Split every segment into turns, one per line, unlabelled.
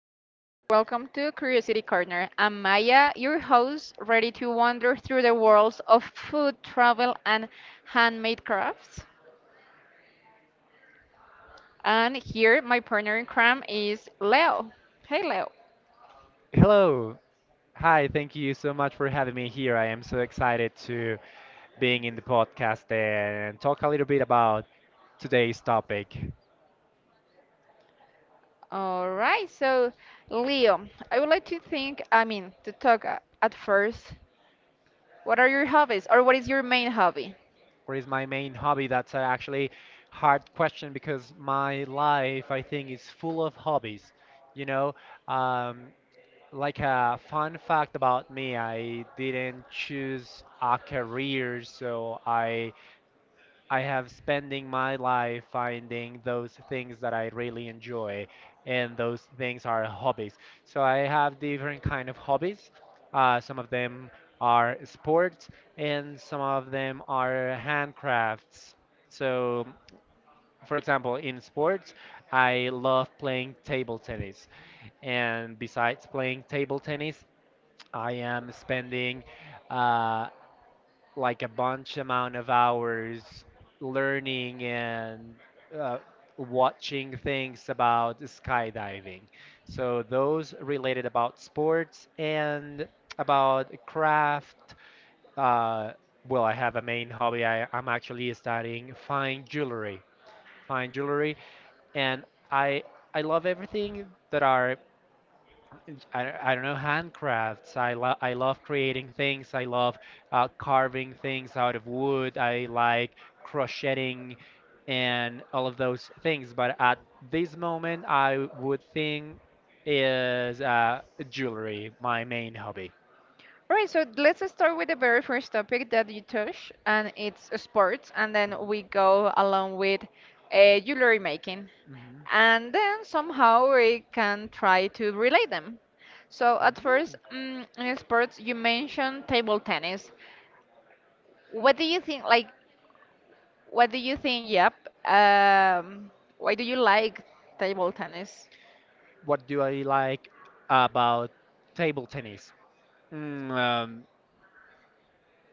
everybody, welcome to Curiosity Corner. I'm Maya, your host, ready to wander through the worlds of food, travel, and handmade crafts. And here, my partner in crime is Leo. Hey Leo.
Hello. Hi, thank you so much for having me here. I am so excited to being in the podcast and talk a little bit about today's topic.
All right, so Leo, I would like to think, I mean, to talk at first, what are your hobbies or what is your main hobby?
What is my main hobby? That's a actually hard question because my life, I think, is full of hobbies. You know, um, like a fun fact about me, I didn't choose a career, so I have spending my life finding those things that I really enjoy, and those things are hobbies. So I have different kind of hobbies. Some of them are sports, and some of them are handcrafts. So, for example, in sports, I love playing table tennis, and besides playing table tennis, I am spending uh, like a bunch amount of hours learning and uh, watching things about skydiving. So those related about sports and about craft. Uh, well, I have a main hobby. I'm actually studying fine jewelry, and I I love everything that are I don't know handcrafts. I love creating things. I love carving things out of wood. I like crocheting and all of those things. But at this moment, I would think is jewelry my main hobby.
All right, so let's start with the very first topic that you touch, and it's sports, and then we go along with jewelry making,
Mhm.
and then somehow we can try to relate them. So
Mhm.
at first,
Mhm.
in sports, you mentioned table tennis. What do you think? Like, what do you think? Yep. Um, why do you like table tennis?
What do I like about table tennis? Mm, um,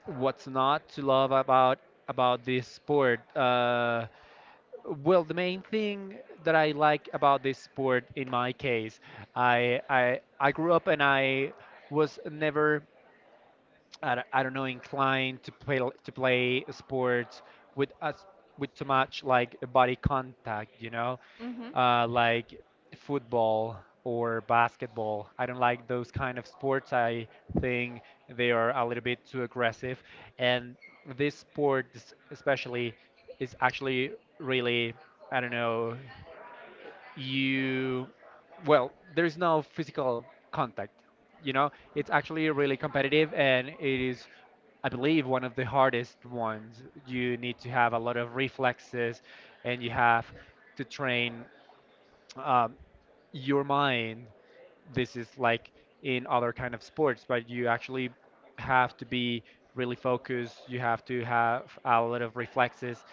what's not to love about this sport? Well, the main thing that I like about this sport, in my case, I grew up and I was never I don't know inclined to play sports with us with too much like body contact, you know,
Hmm.
like football or basketball. I don't like those kind of sports. I think they are a little bit too aggressive, and especially is actually really, I don't know, you, well, there's no physical contact, you know. It's actually really competitive, and it is, I believe, one of the hardest ones. You need to have a lot of reflexes and you have to train um, your mind. This is like in other kind of sports, but you actually have to be really focused. You have to have a lot of reflexes.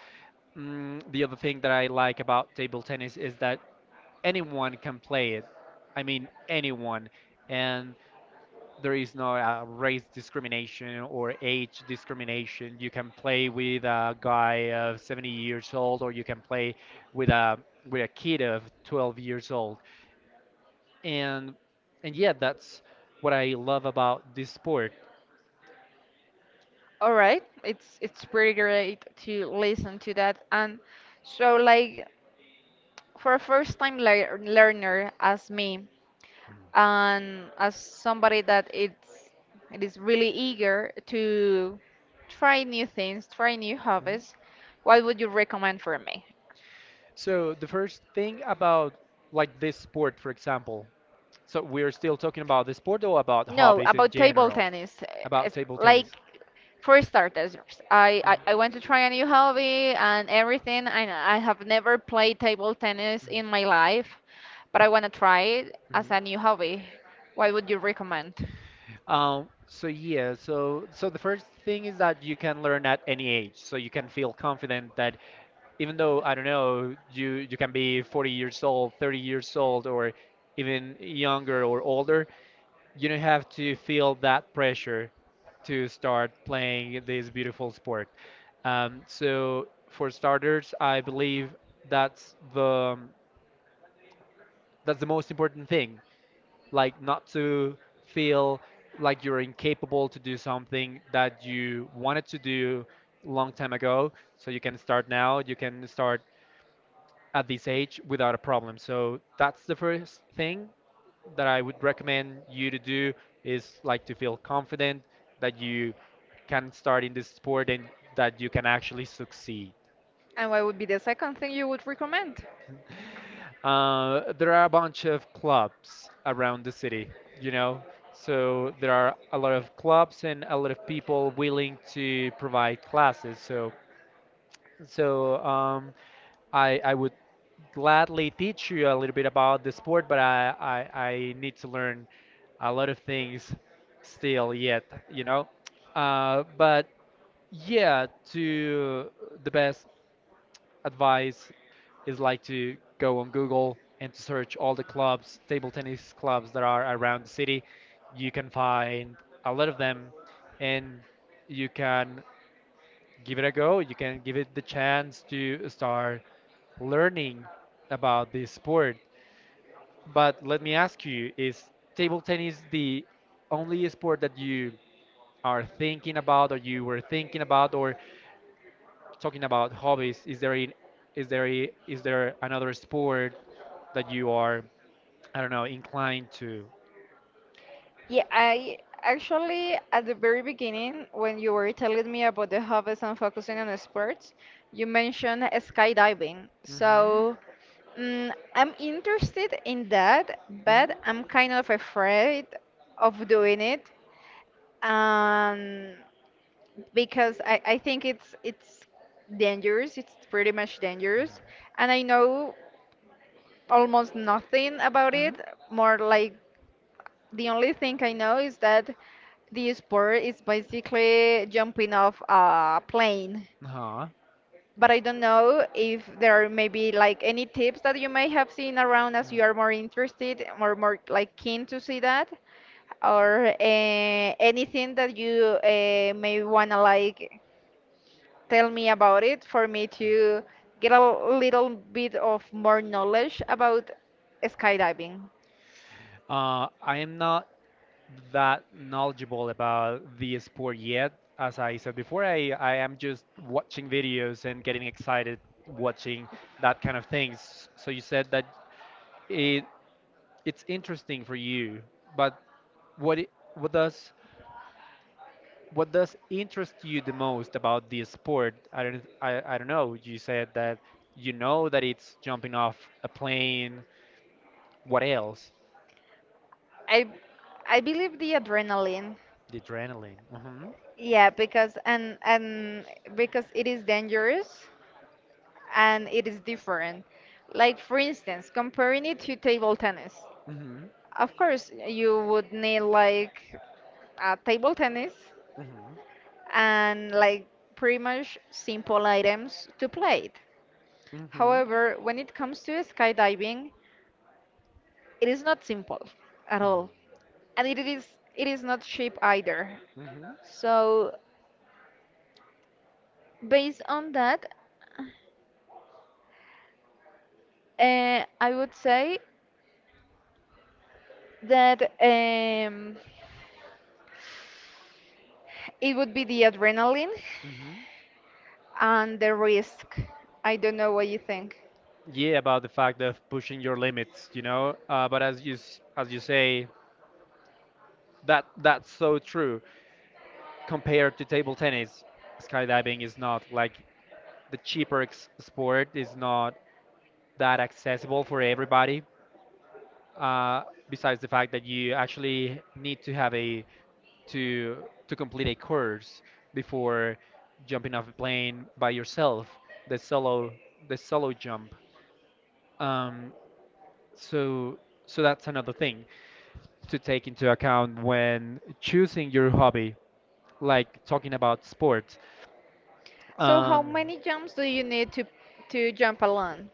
The other thing that I like about table tennis is that anyone can play it. I mean, anyone. And there is no race discrimination or age discrimination. You can play with a guy of 70 years old, or you can play with a with a kid of 12 years old. And yeah, that's what I love about this sport.
All right, it's pretty great to listen to that. And so, like, for a first time learner as me, and as somebody that it is really eager to try new things, try new
Mhm.
hobbies, what would you recommend for me?
So the first thing about like this sport, for example, so we're still talking about the sport or about
No,
hobbies in
about table
general?
tennis.
About
It's
table
like
tennis.
for starters, I want to try a new hobby and everything, and I have never played table tennis in my life, but I want to try it
Mhm.
as a new hobby. What would you recommend?
So yeah, so the first thing is that you can learn at any age, so you can feel confident that even though, I don't know, you can be 40 years old, 30 years old, or even younger or older, you don't have to feel that pressure to start playing this beautiful sport. So for starters, I believe that's the that's the most important thing. Like not to feel like you're incapable to do something that you wanted to do long time ago. So you can start now. You can start at this age without a problem. So that's the first thing that I would recommend you to do is like to feel confident that you can start in this sport and that you can actually succeed.
And what would be the second thing you would recommend?
There are a bunch of clubs around the city, you know, so there are a lot of clubs and a lot of people willing to provide classes. So um, I would gladly teach you a little bit about the sport, but I need to learn a lot of things still yet, you know. But Yeah, to the best advice is like to go on Google and to search all the clubs, table tennis clubs that are around the city. You can find a lot of them, and you can give it a go. You can give it the chance to start learning about this sport. But let me ask you, is table tennis the only sport that you are thinking about or you were thinking about or talking about hobbies? Is there another sport that you are, I don't know, inclined to?
Yeah, I actually, at the very beginning, when you were telling me about the hobbies and focusing on sports, you mentioned skydiving.
Mm-hmm.
So, I'm interested in that, but
Mm-hmm.
I'm kind of afraid of doing it, um, because I think it's dangerous. It's pretty much dangerous, and I know almost nothing about
Mm-hmm.
it, more like the only thing I know is that the sport is basically jumping off a plane.
Uh-huh.
But I don't know if there are maybe like any tips that you may have seen around
Mm.
as you are more interested or more like keen to see that, or anything that you may wanna like tell me about it for me to get a little bit of more knowledge about skydiving.
I am not that knowledgeable about the sport yet. As I said before, I am just watching videos and getting excited watching that kind of things. So you said that it it's interesting for you, but what does what does interest you the most about the sport? I don't know. You said that you know that it's jumping off a plane. What else?
I I believe the adrenaline.
The adrenaline. Hmm.
Yeah, because and because it is dangerous and it is different. Like for instance, comparing it to table tennis.
Hmm.
Of course, you would need like a table tennis
Hmm.
and like pretty much simple items to play it.
Hmm.
However, when it comes to skydiving, it is not simple at
Hmm.
all. And it is not cheap either.
Hmm.
So based on that, I would say that it would be the adrenaline
Hmm.
and the risk. I don't know what you think.
Yeah, about the fact of pushing your limits, you know. But As you say, that that's so true. Compared to table tennis, skydiving is not like the sport. Is not that accessible for everybody. uh, Besides the fact that you actually need to have a to to complete a course before jumping off a plane by yourself, the solo, the solo jump. um, so so that's another thing to take into account when choosing your hobby, like talking about sports.
So, how
Um,
many jumps do you need to jump alone?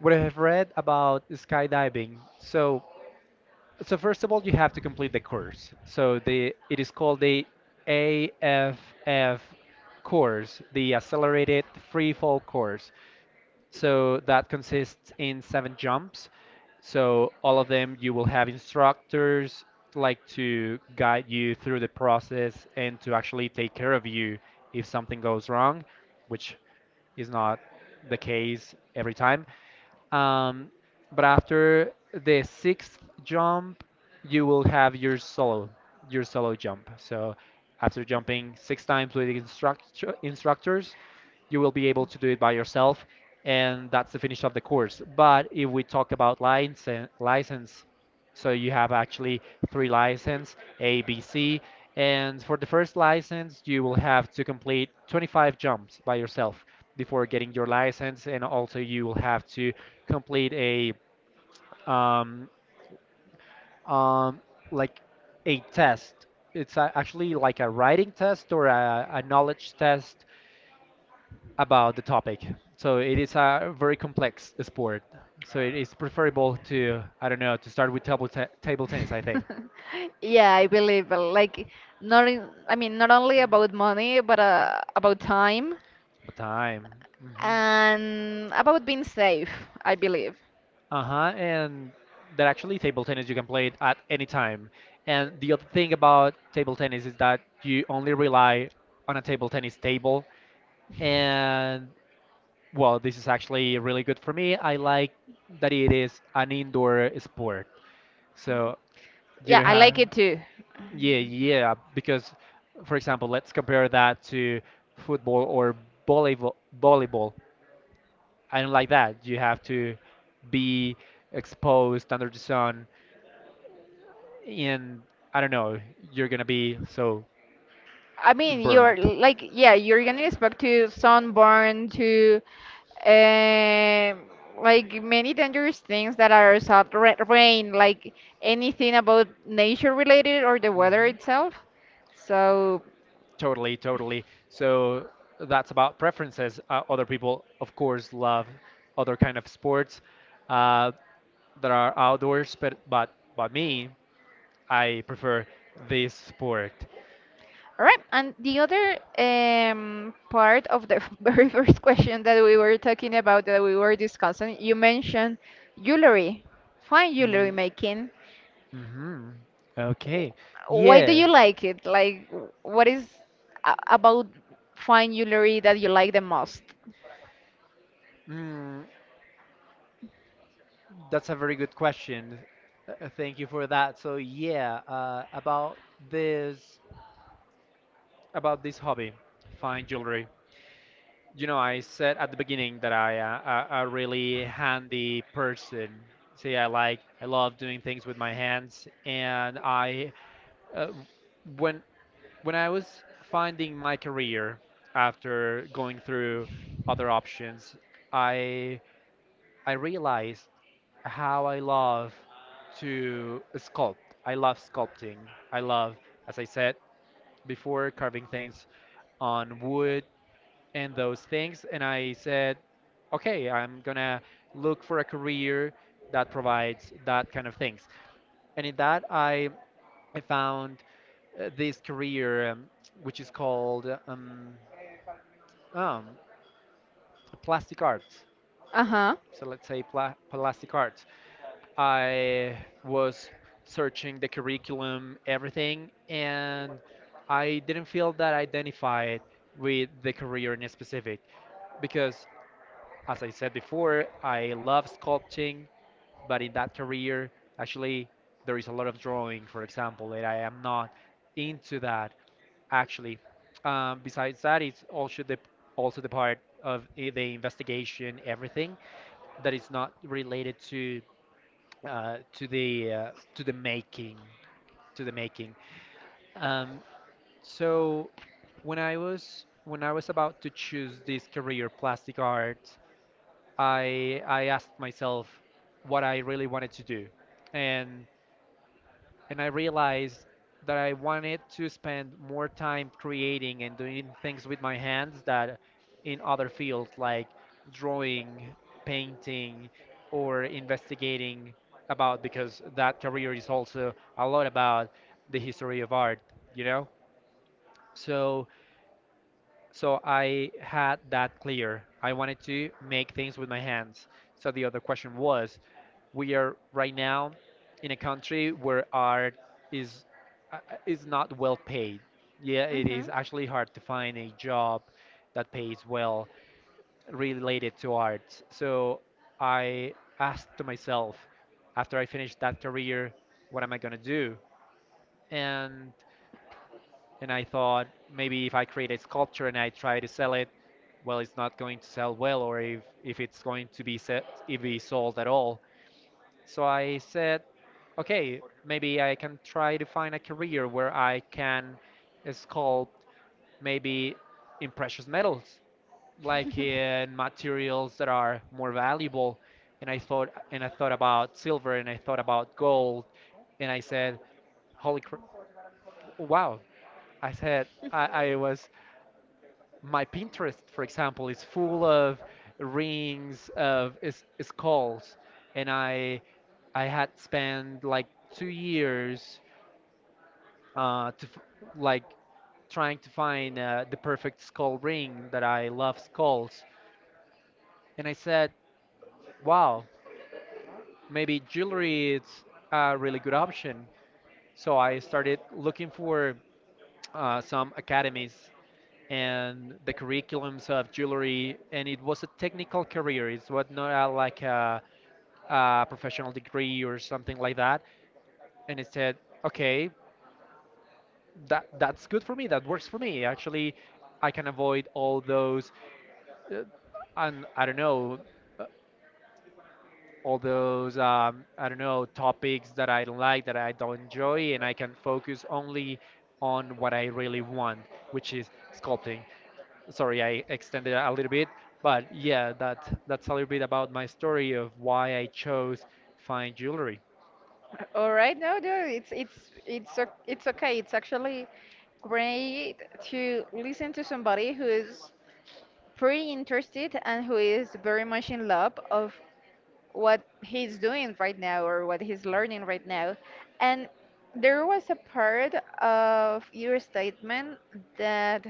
what I have read about skydiving. First of all, you have to complete the course. So the it is called the AFF course, the Accelerated Free Fall course. So that consists in 7 jumps. So all of them you will have instructors like to guide you through the process and to actually take care of you if something goes wrong, which is not the case every time. Um, but After the sixth jump, you will have your solo jump. So after jumping 6 times with the instructor, instructors, you will be able to do it by yourself, and that's the finish of the course. But if we talk about license, license, so you have actually three license, A, B, C, and for the first license, you will have to complete 25 jumps by yourself before getting your license, and also you will have to complete a um, um, like a test. It's a, actually like a writing test or a knowledge test about the topic. So it is a very complex sport. So it is preferable to, I don't know, to start with table tennis, I think.
Yeah, I believe like not in, I mean not only about money but about time
The time. Hmm.
and about being safe, I believe.
Uh-huh. And that actually table tennis you can play it at any time. And the other thing about table tennis is that you only rely on a table tennis table. And well, this is actually really good for me. I like that it is an indoor sport. So you
Yeah,
don't
I like
have
it too.
yeah, yeah, because for example, let's compare that to football or volleyball. Volleyball. I don't like that. You have to be exposed under the sun, and I don't know, you're gonna be so
I mean, you're
burnt.
like, yeah, you're gonna expect to sunburn, to um, like many dangerous things that are rain, like anything about nature related or the weather
Hmm.
itself. So,
Totally, totally. So that's about preferences. Other people, of course, love other kind of sports uh, that are outdoors, but but me, I prefer this sport.
all right. And the other part of the very first question that we were discussing, you mentioned jewelry, fine jewelry making.
Mm-hmm. Okay.
Why do
Yeah.
you like it? Like, what is a about fine jewelry that you like the most?
Mm, That's a very good question. Thank you for that. About this about this hobby, fine jewelry. You know, I said at the beginning that I a really handy person. See, I love doing things with my hands, and I uh, when I was finding my career after going through other options, I I realized how I love to sculpt. I love sculpting. I love, as I said before, carving things on wood and those things. And I said, okay, I'm gonna look for a career that provides that kind of things. And in that, I found this career, which is called um, plastic arts.
Uh-huh.
So let's say plastic arts. I was searching the curriculum, everything, and I didn't feel that I identified with the career in specific because, as I said before, I love sculpting, but in that career, actually, there is a lot of drawing, for example, and I am not into that actually. Besides that, it's also the part of the investigation, everything that is not related to to the making to the making. Um, so when I was about to choose this career, plastic art, I asked myself what I really wanted to do, and I realized that I wanted to spend more time creating and doing things with my hands that in other fields like drawing, painting, or investigating about because that career is also a lot about the history of art, you know? So I had that clear. I wanted to make things with my hands. So the other question was, we are right now in a country where art is is not well paid. Yeah, it is
Mhm.
actually hard to find a job that pays well related to arts. So I asked to myself after I finished that career, what am I gonna do? And and I thought maybe if I create a sculpture and I try to sell it, well, it's not going to sell well, or if it's going to be set, if be sold at all. So I said, okay, maybe I can try to find a career where I can sculpt maybe in precious metals, like in materials that are more valuable. And I thought about silver, and I thought about gold, and I said, holy cr- wow! I said, I was my Pinterest, for example, is full of rings skulls, and I had spent like 2 years like trying to find the perfect skull ring, that I love skulls, and I said, wow, maybe jewelry is a really good option. So I started looking for some academies and the curriculums of jewelry, and it was a technical career. It was not a, like a professional degree or something like that. And it said, okay, that's good for me, that works for me actually. I can avoid all those uh, and I don't know uh, all those I don't know topics that I don't like, that I don't enjoy, and I can focus only on what I really want, which is sculpting. Sorry, I extended a little bit, but yeah, that's a little bit about my story of why I chose fine jewelry.
All right, no, no, it's okay. It's actually great to listen to somebody who is pretty interested and who is very much in love of what he's doing right now or what he's learning right now. And there was a part of your statement that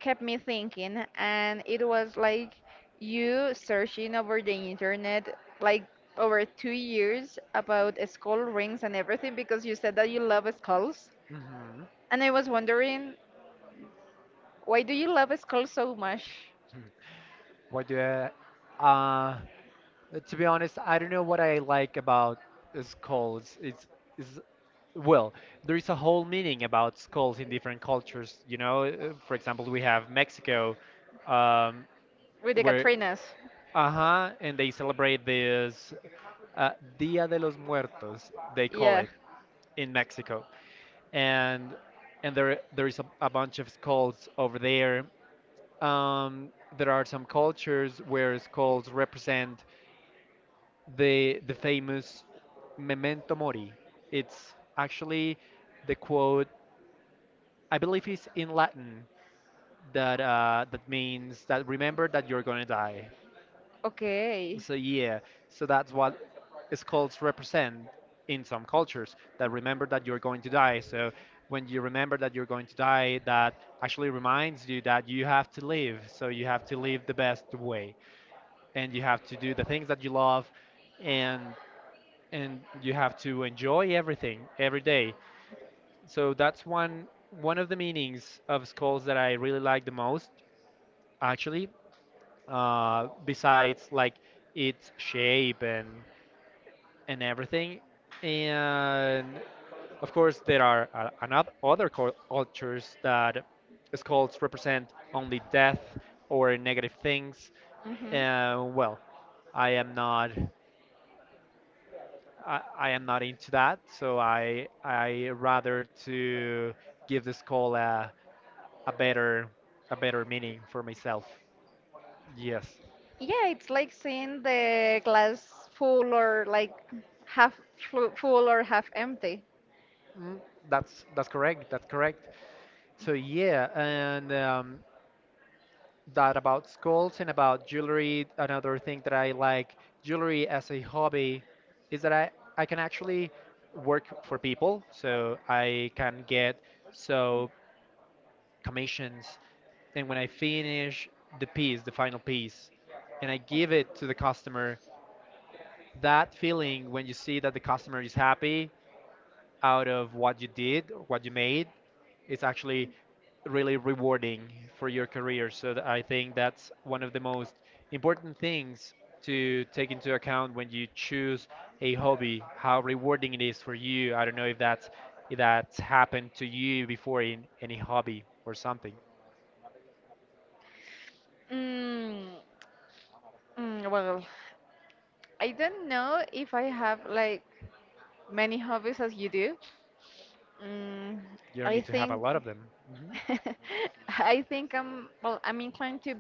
kept me thinking, and it was like you searching over the internet, like over 2 years about skull rings and everything because you said that you love skulls.
Hmm.
And I was wondering, why do you love skulls so much?
Hmm. What do I, uh, to be honest, I don't know what I like about skulls. It's, is Well, there is a whole meaning about skulls in different cultures. You know. For example, we have Mexico, um,
With the
where,
Katrinas?
uh-huh, and they celebrate this uh, Dia de los Muertos, they call
Yeah.
it. In Mexico, and there is a bunch of skulls over there. Um, there are some cultures where skulls represent the famous memento mori. It's actually the quote, I believe, is in Latin that means that, remember that you're gonna die.
Okay.
So yeah, so that's what is called represent in some cultures. That, remember that you're going to die. So when you remember that you're going to die, that actually reminds you that you have to live. So you have to live the best way, and you have to do the things that you love, and and you have to enjoy everything every day. So that's one of the meanings of skulls that I really like the most, actually. Besides like its shape and everything. And of course, there are another other cultures that skulls represent only death or negative things.
Hmm.
Well, I am not. I am not into that, so I rather to give the skull a better a better meaning for myself. Yes.
Yeah, it's like seeing the glass full or like half full or half empty.
Mm. That's correct. That's correct. So yeah, and that about skulls and about jewelry. Another thing that I like jewelry as a hobby is that I can actually work for people. So I can get so commissions. And when I finish the piece, the final piece, and I give it to the customer, that feeling when you see that the customer is happy out of what you did or what you made is actually really rewarding for your career. So I think that's one of the most important things to take into account when you choose a hobby, how rewarding it is for you. I don't know if that's happened to you before in any hobby or something.
Mm, well, I don't know if I have like many hobbies as you do. Mm,
You don't
I
need to have a
think
lot of them. Hmm.
I think I'm well, I'm inclined to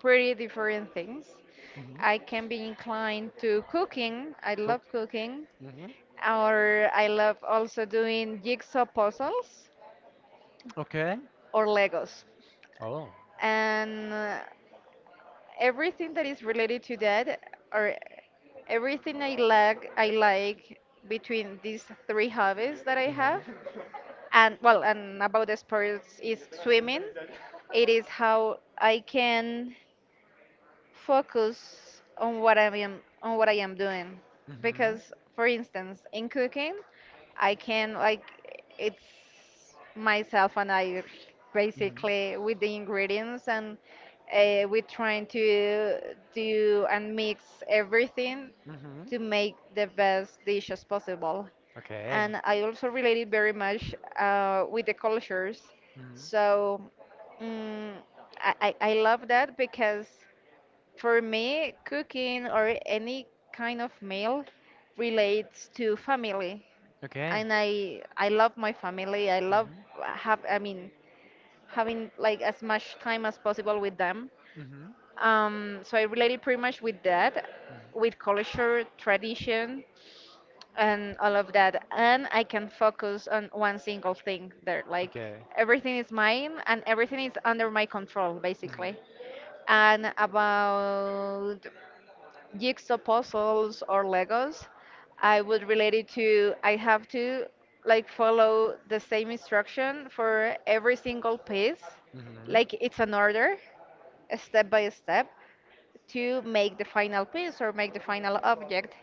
pretty different things.
Hmm.
I can be inclined to cooking. I
Cool.
love cooking.
Hmm.
Or I love also doing jigsaw puzzles
Okay.
or Legos.
Oh.
And everything that is related to that or everything I like between these three hobbies that I have,
Hmm.
and well and about the sports is swimming. It is how I can focus on what I am doing,
Hmm.
because for instance in cooking I can like it's myself and I
Hmm.
basically with the ingredients, and we're trying to do and mix everything
Hmm.
to make the best dish as possible.
Okay.
And I also relate it very much with the cultures.
Hmm.
So, mm, I love that, because for me, cooking or any kind of meal relates to family.
Okay.
And I love my family. I love
Mhm.
have I mean having like as much time as possible with them.
Mhm.
So I related pretty much with that,
Mhm.
with culture, tradition, and all of that. And I can focus on one single thing there. Like
Okay.
everything is mine and everything is under my control,
Mhm.
basically. And about jigsaw puzzles or Legos, I would relate it to I have to like follow the same instruction for every single piece,
Mhm.
like it's an order, a step by step, to make the final piece or make the final object.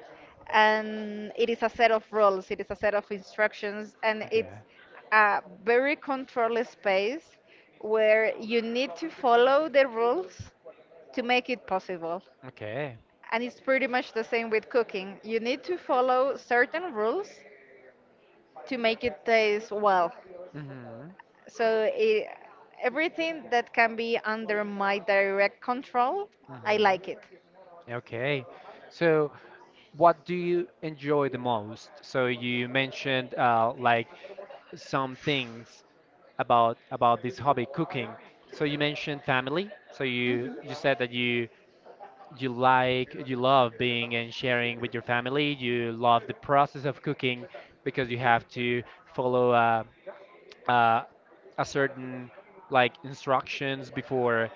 And it is a set of rules, it is a set of instructions, and it's
Okay.
a very controlled space where you need to follow the rules to make it possible.
Okay.
And it's pretty much the same with cooking. You need to follow certain rules to make it taste well.
Mhm.
So, everything that can be under my direct control, I
Mhm.
like it.
Okay. So, what do you enjoy the most? So you mentioned like some things about this hobby, cooking. So you mentioned family. So you
Mhm.
said that you love being and sharing with your family. You love the process of cooking because you have to follow uh, a certain like instructions before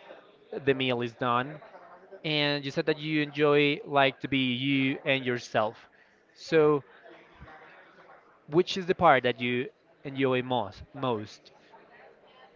the meal is done. And you said that you enjoy like to be you and yourself. So, which is the part that you enjoy most?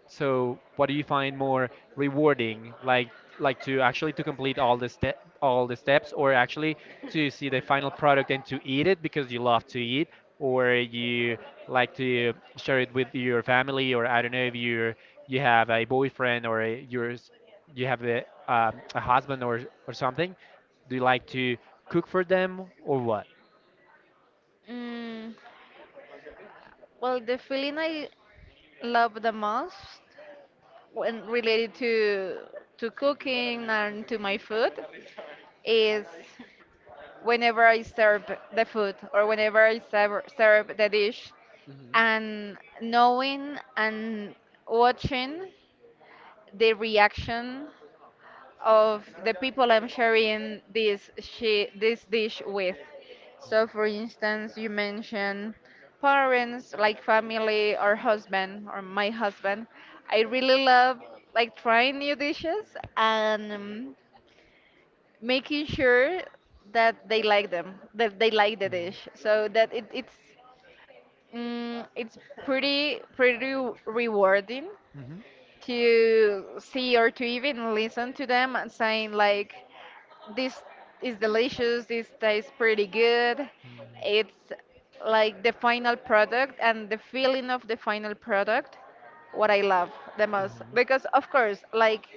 So, what do you find more rewarding, like to actually to complete all the step all the steps, or actually to see the final product and to eat it because you love to eat, or you like to share it with your family, or I don't know if you have a boyfriend or you have a husband or something. Do you like to cook for them or what?
Mm, well, the feeling I love the most when related to cooking and to my food is whenever I serve the food, or whenever I serve the dish,
Hmm. Hmm.
and knowing and watching the reaction of the people I'm sharing this dish with. So for instance, you mentioned parents like family or husband, or my husband. I really love like trying new dishes and making sure that they like them, that they like the dish, so that it's pretty rewarding
Hmm.
to see, or to even listen to them and saying like, this is delicious, this tastes pretty good. It's like the final product and the feeling of the final product what I love the most, because of course like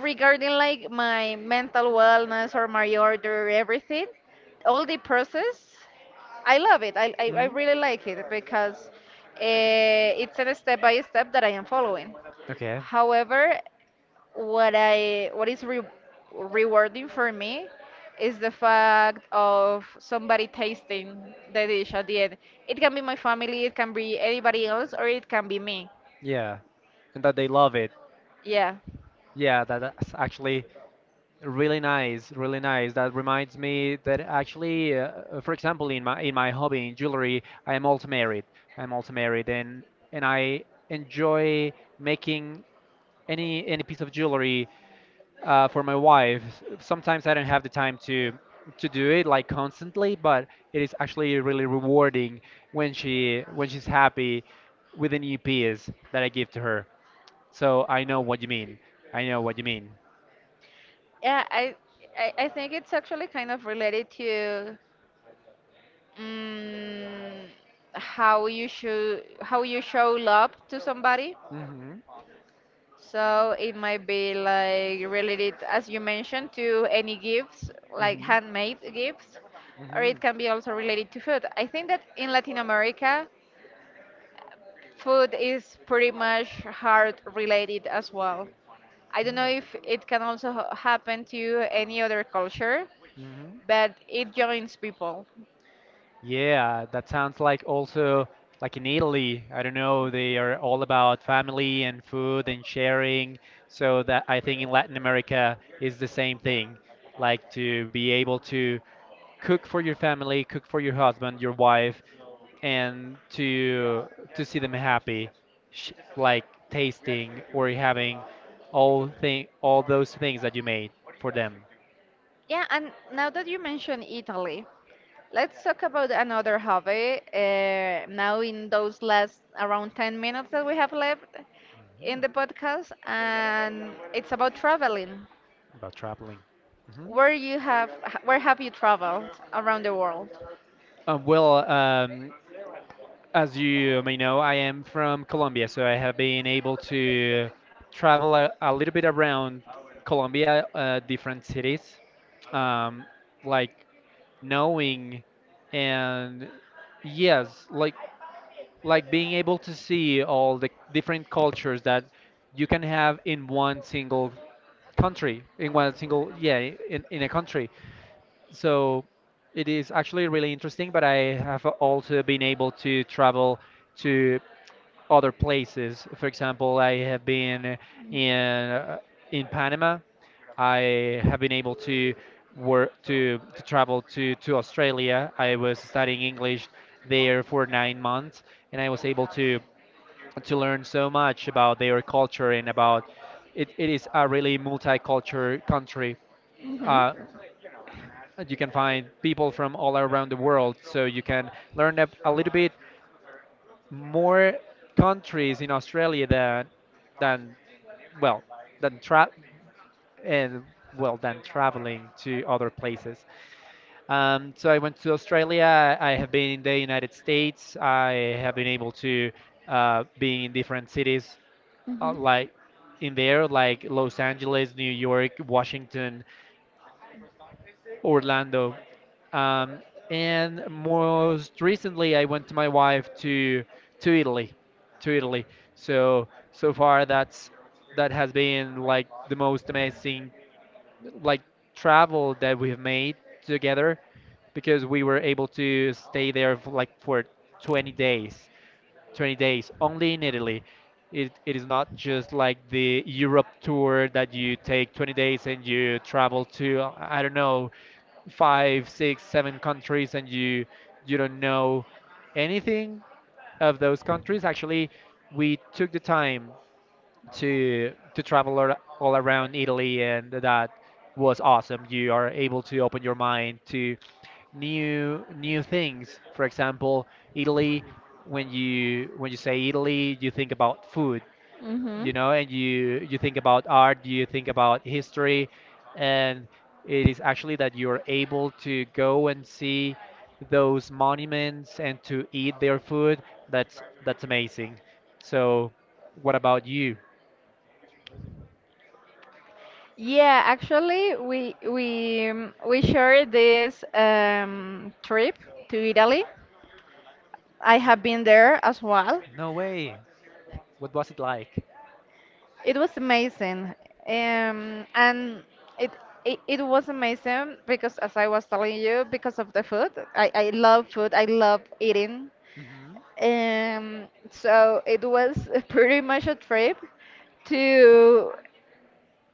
regarding like my mental wellness or my order, everything, all the process I love it. I
Hmm. Hmm.
really like it because it's a step by step that I am following.
Okay.
However, what is rewarding for me is the fact of somebody tasting the dish at the end. It can be my family, it can be anybody else, or it can be me.
Yeah, and that they love it.
Yeah.
Yeah, that's actually really nice, really nice. That reminds me that actually, for example, in my hobby in jewelry, I am also married. I'm also married, and I enjoy making any piece of jewelry for my wife. Sometimes I don't have the time to do it like constantly, but it is actually really rewarding when she's happy with the new piece that I give to her. So I know what you mean. I know what you mean.
Yeah, I think it's actually kind of related to um, how you show love to somebody.
Mhm.
So it might be like related, as you mentioned, to any gifts, like
Mhm.
handmade gifts, or
Mhm.
it can be also related to food. I think that in Latin America, food is pretty much heart related as well. I don't know
Mhm.
if it can also happen to any other culture,
Mhm.
but it joins people.
Yeah, that sounds like also like in Italy, I don't know, they are all about family and food and sharing. So that I think in Latin America is the same thing, like to be able to cook for your family, cook for your husband, your wife, and to see them happy, sh like tasting or having all those things that you made for them.
Yeah, and now that you mention Italy, let's talk about another hobby. Now, in those last around 10 minutes that we have left in
Mm,
the podcast, and it's about traveling.
about traveling. Hmm.
Where have you traveled around the world?
Well, as you may know, I am from Colombia, so I have been able to travel a little bit around Colombia, different cities, um, like knowing and yes, being able to see all the different cultures that you can have in one single country, in one single yeah, in a country. So it is actually really interesting, but I have also been able to travel to other places. For example, I have been in uh, in Panama. I have been able to work to travel to Australia. I was studying English there for 9 months, and I was able to learn so much about their culture, and about it, it is a really multicultural country.
Hmm.
Uh, you can find people from all around the world, so you can learn a little bit more countries in Australia than well than tra- and well than traveling to other places. So I went to Australia. I have been in the United States. I have been able to be in different cities
Hmm.
like in there, like Los Angeles, New York, Washington, Orlando. Um, and most recently, I went to my wife to Italy, to Italy. So far, that has been like the most amazing like travel that we have made together, because we were able to stay there for 20 days, 20 days only in Italy. It is not just like the Europe tour that you take 20 days and you travel to, I don't know, five, six, seven countries, and you don't know anything of those countries. Actually, we took the time to travel all around Italy, and that was awesome. You are able to open your mind to new things. For example, Italy. When you say Italy, you think about food
Hmm.
you know and you think about art, you think about history, and it is actually that you're able to go and see those monuments and to eat their food. That's amazing. So what about you?
Yeah, actually, we shared this trip to Italy. I have been there as well.
No way! What was it like?
It was amazing. And it, it was amazing because as I was telling you, because of the food. I love food. I love eating.
Hmm.
So it was pretty much a trip to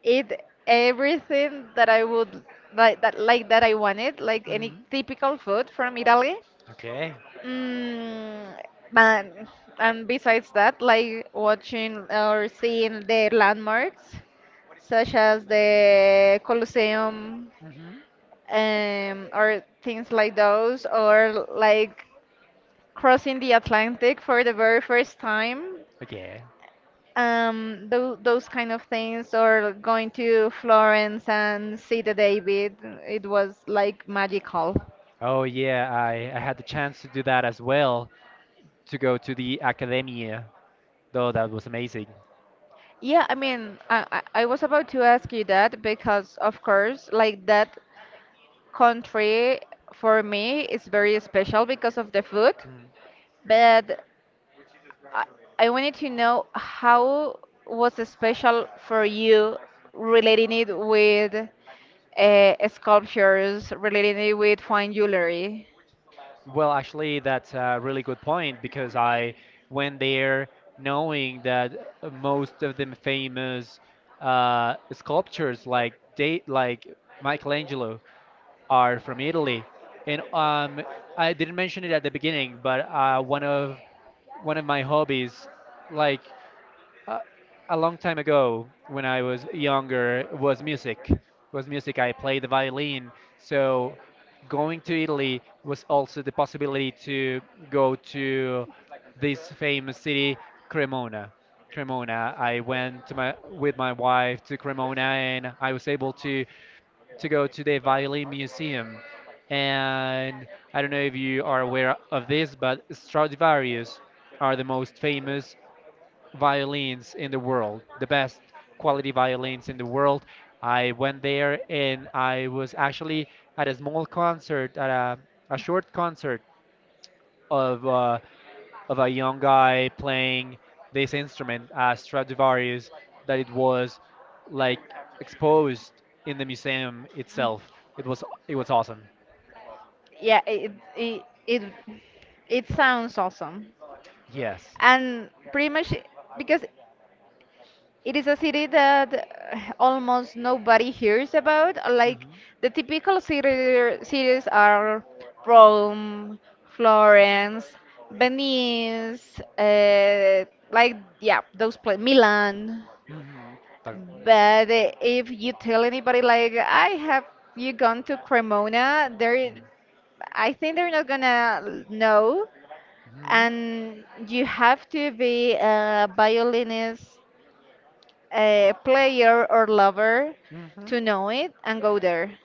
eat everything that that I wanted, like any
Hmm.
typical food from Italy.
Okay.
Mm, man, and besides that, like watching or seeing the landmarks, such as the Colosseum,
Hmm.
or things like those, or like crossing the Atlantic for the very first time,
Okay.
those kind of things, or going to Florence and see the David. It was like magical.
Oh yeah, I had the chance to do that as well, to go to the Academia, though. That was amazing.
Yeah, I mean, I was about to ask you that because, of course, like that country for me is very special because of the food.
Mm.
But I, I wanted to know how was it special for you relating it with sculptures, relating it with fine jewelry.
Well, actually, that's a really good point because I went there knowing that most of the famous sculptures, like Michelangelo, are from Italy. And I didn't mention it at the beginning, but one of my hobbies, like uh, a long time ago when I was younger, was music. Was music. I played the violin. So going to Italy was also the possibility to go to this famous city, Cremona. Cremona. I went to my with my wife to Cremona, and I was able to go to the violin museum. And I don't know if you are aware of this, but Stradivarius are the most famous violins in the world, the best quality violins in the world. I went there, and I was actually at a small concert, at a short concert of uh, of a young guy playing this instrument, Stradivarius, that it was like exposed in the museum itself. It was awesome.
Yeah, it sounds awesome.
Yes.
And pretty much because it is a city that almost nobody hears about. Like
Mhm.
the typical cities are Rome, Florence, Venice, like yeah, those places, Milan.
Mhm. Tal-
But if you tell anybody like, I have you gone to Cremona, there, I think they're not gonna know.
mhm.
And you have to be a player or lover
Mhm. Mhm.
to know it and go there.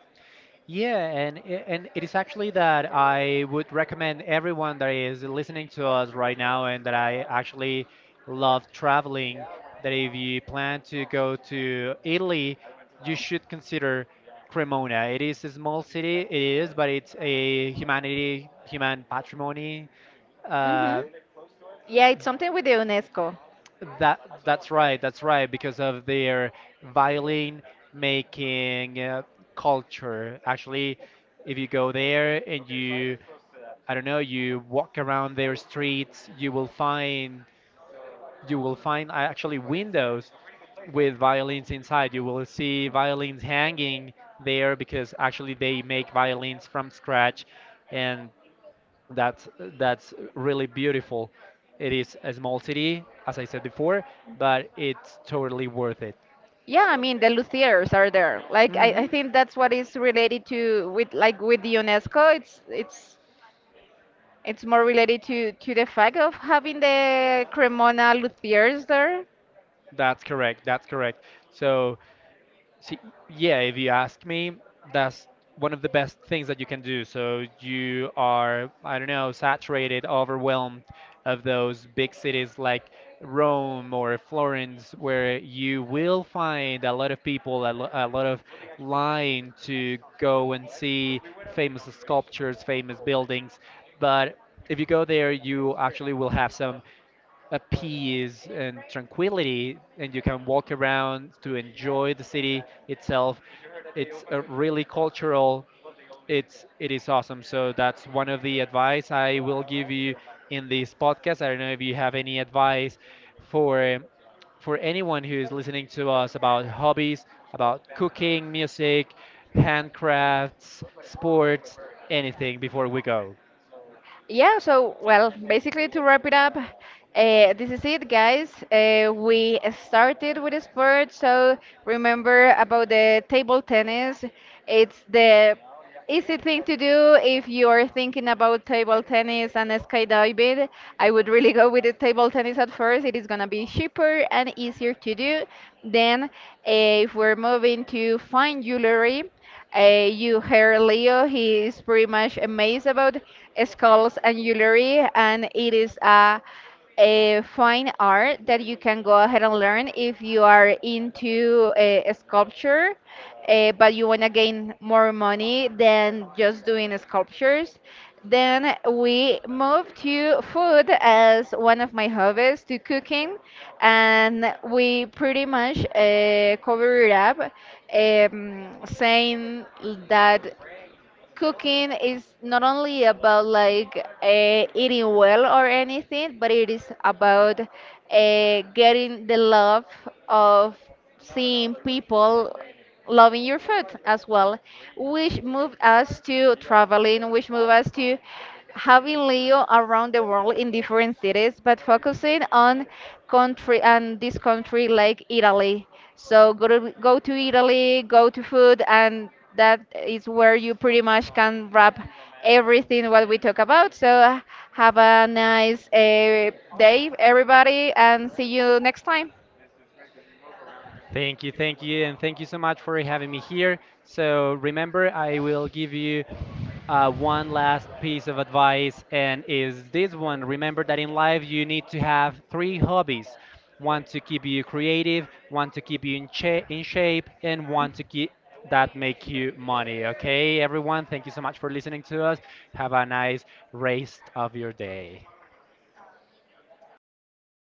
Yeah, and it is actually that I would recommend everyone that is listening to us right now, and that I actually love traveling, that if you plan to go to Italy, you should consider Cremona. It is a small city, it is, but it's a humanity, human patrimony.
Hmm.
Uh,
Yeah, it's something with the UNESCO.
that's right, that's right, because of their violin making culture. Actually, if you go there and you I don't know, you walk around their streets, you will find, actually, windows with violins inside. You will see violins hanging there, because actually they make violins from scratch, and that's that's really beautiful. It is a small city, as I said before, but it's totally worth it.
Yeah, I mean the luthiers are there. Like I
Hmm.
think that's what is related to with like with the UNESCO. It's more related to the fact of having the Cremona luthiers there.
That's correct. That's correct. So, see, yeah, if you ask me, that's one of the best things that you can do. So you are, I don't know, saturated, overwhelmed of those big cities like Rome or Florence, where you will find a lot of people, a lot of line to go and see famous sculptures, famous buildings. But if you go there, you actually will have some a peace and tranquility, and you can walk around to enjoy the city itself. It's a really cultural. It is awesome. So that's one of the advice I will give you in this podcast. I don't know if you have any advice for for anyone who is listening to us about hobbies, about cooking, music, handcrafts, sports, anything before we go.
Yeah, so, well, basically to wrap it up, this is it, guys. We started with a sport, so remember about the table tennis. It's the easy thing to do if you're thinking about table tennis and skydiving. I would really go with the table tennis at first. It is gonna be cheaper and easier to do. Then, if we're moving to fine jewelry, you heard Leo, he is pretty much amazed about skulls and jewelry, and it is a fine art that you can go ahead and learn if you are into sculpture, but you want to gain more money than just doing sculptures. Then we moved to food as one of my hobbies, to cooking, and we pretty much cover it up, saying that cooking is not only about like eating well or anything, but it is about getting the love of seeing people loving your food as well, which moved us to traveling, which moved us to having Leo around the world in different cities, but focusing on country and this country, like Italy. So, go to Italy, go to food, and that is where you pretty much can wrap everything what we talk about. So have a nice day, everybody, and see you next time.
Thank you, and thank you so much for having me here. So remember, I will give you one last piece of advice, and is this one. Remember that in life you need to have three hobbies: one to keep you creative, one to keep you in shape, and one to keep that make you money. Okay, everyone, thank you so much for listening to us. Have a nice rest of your day.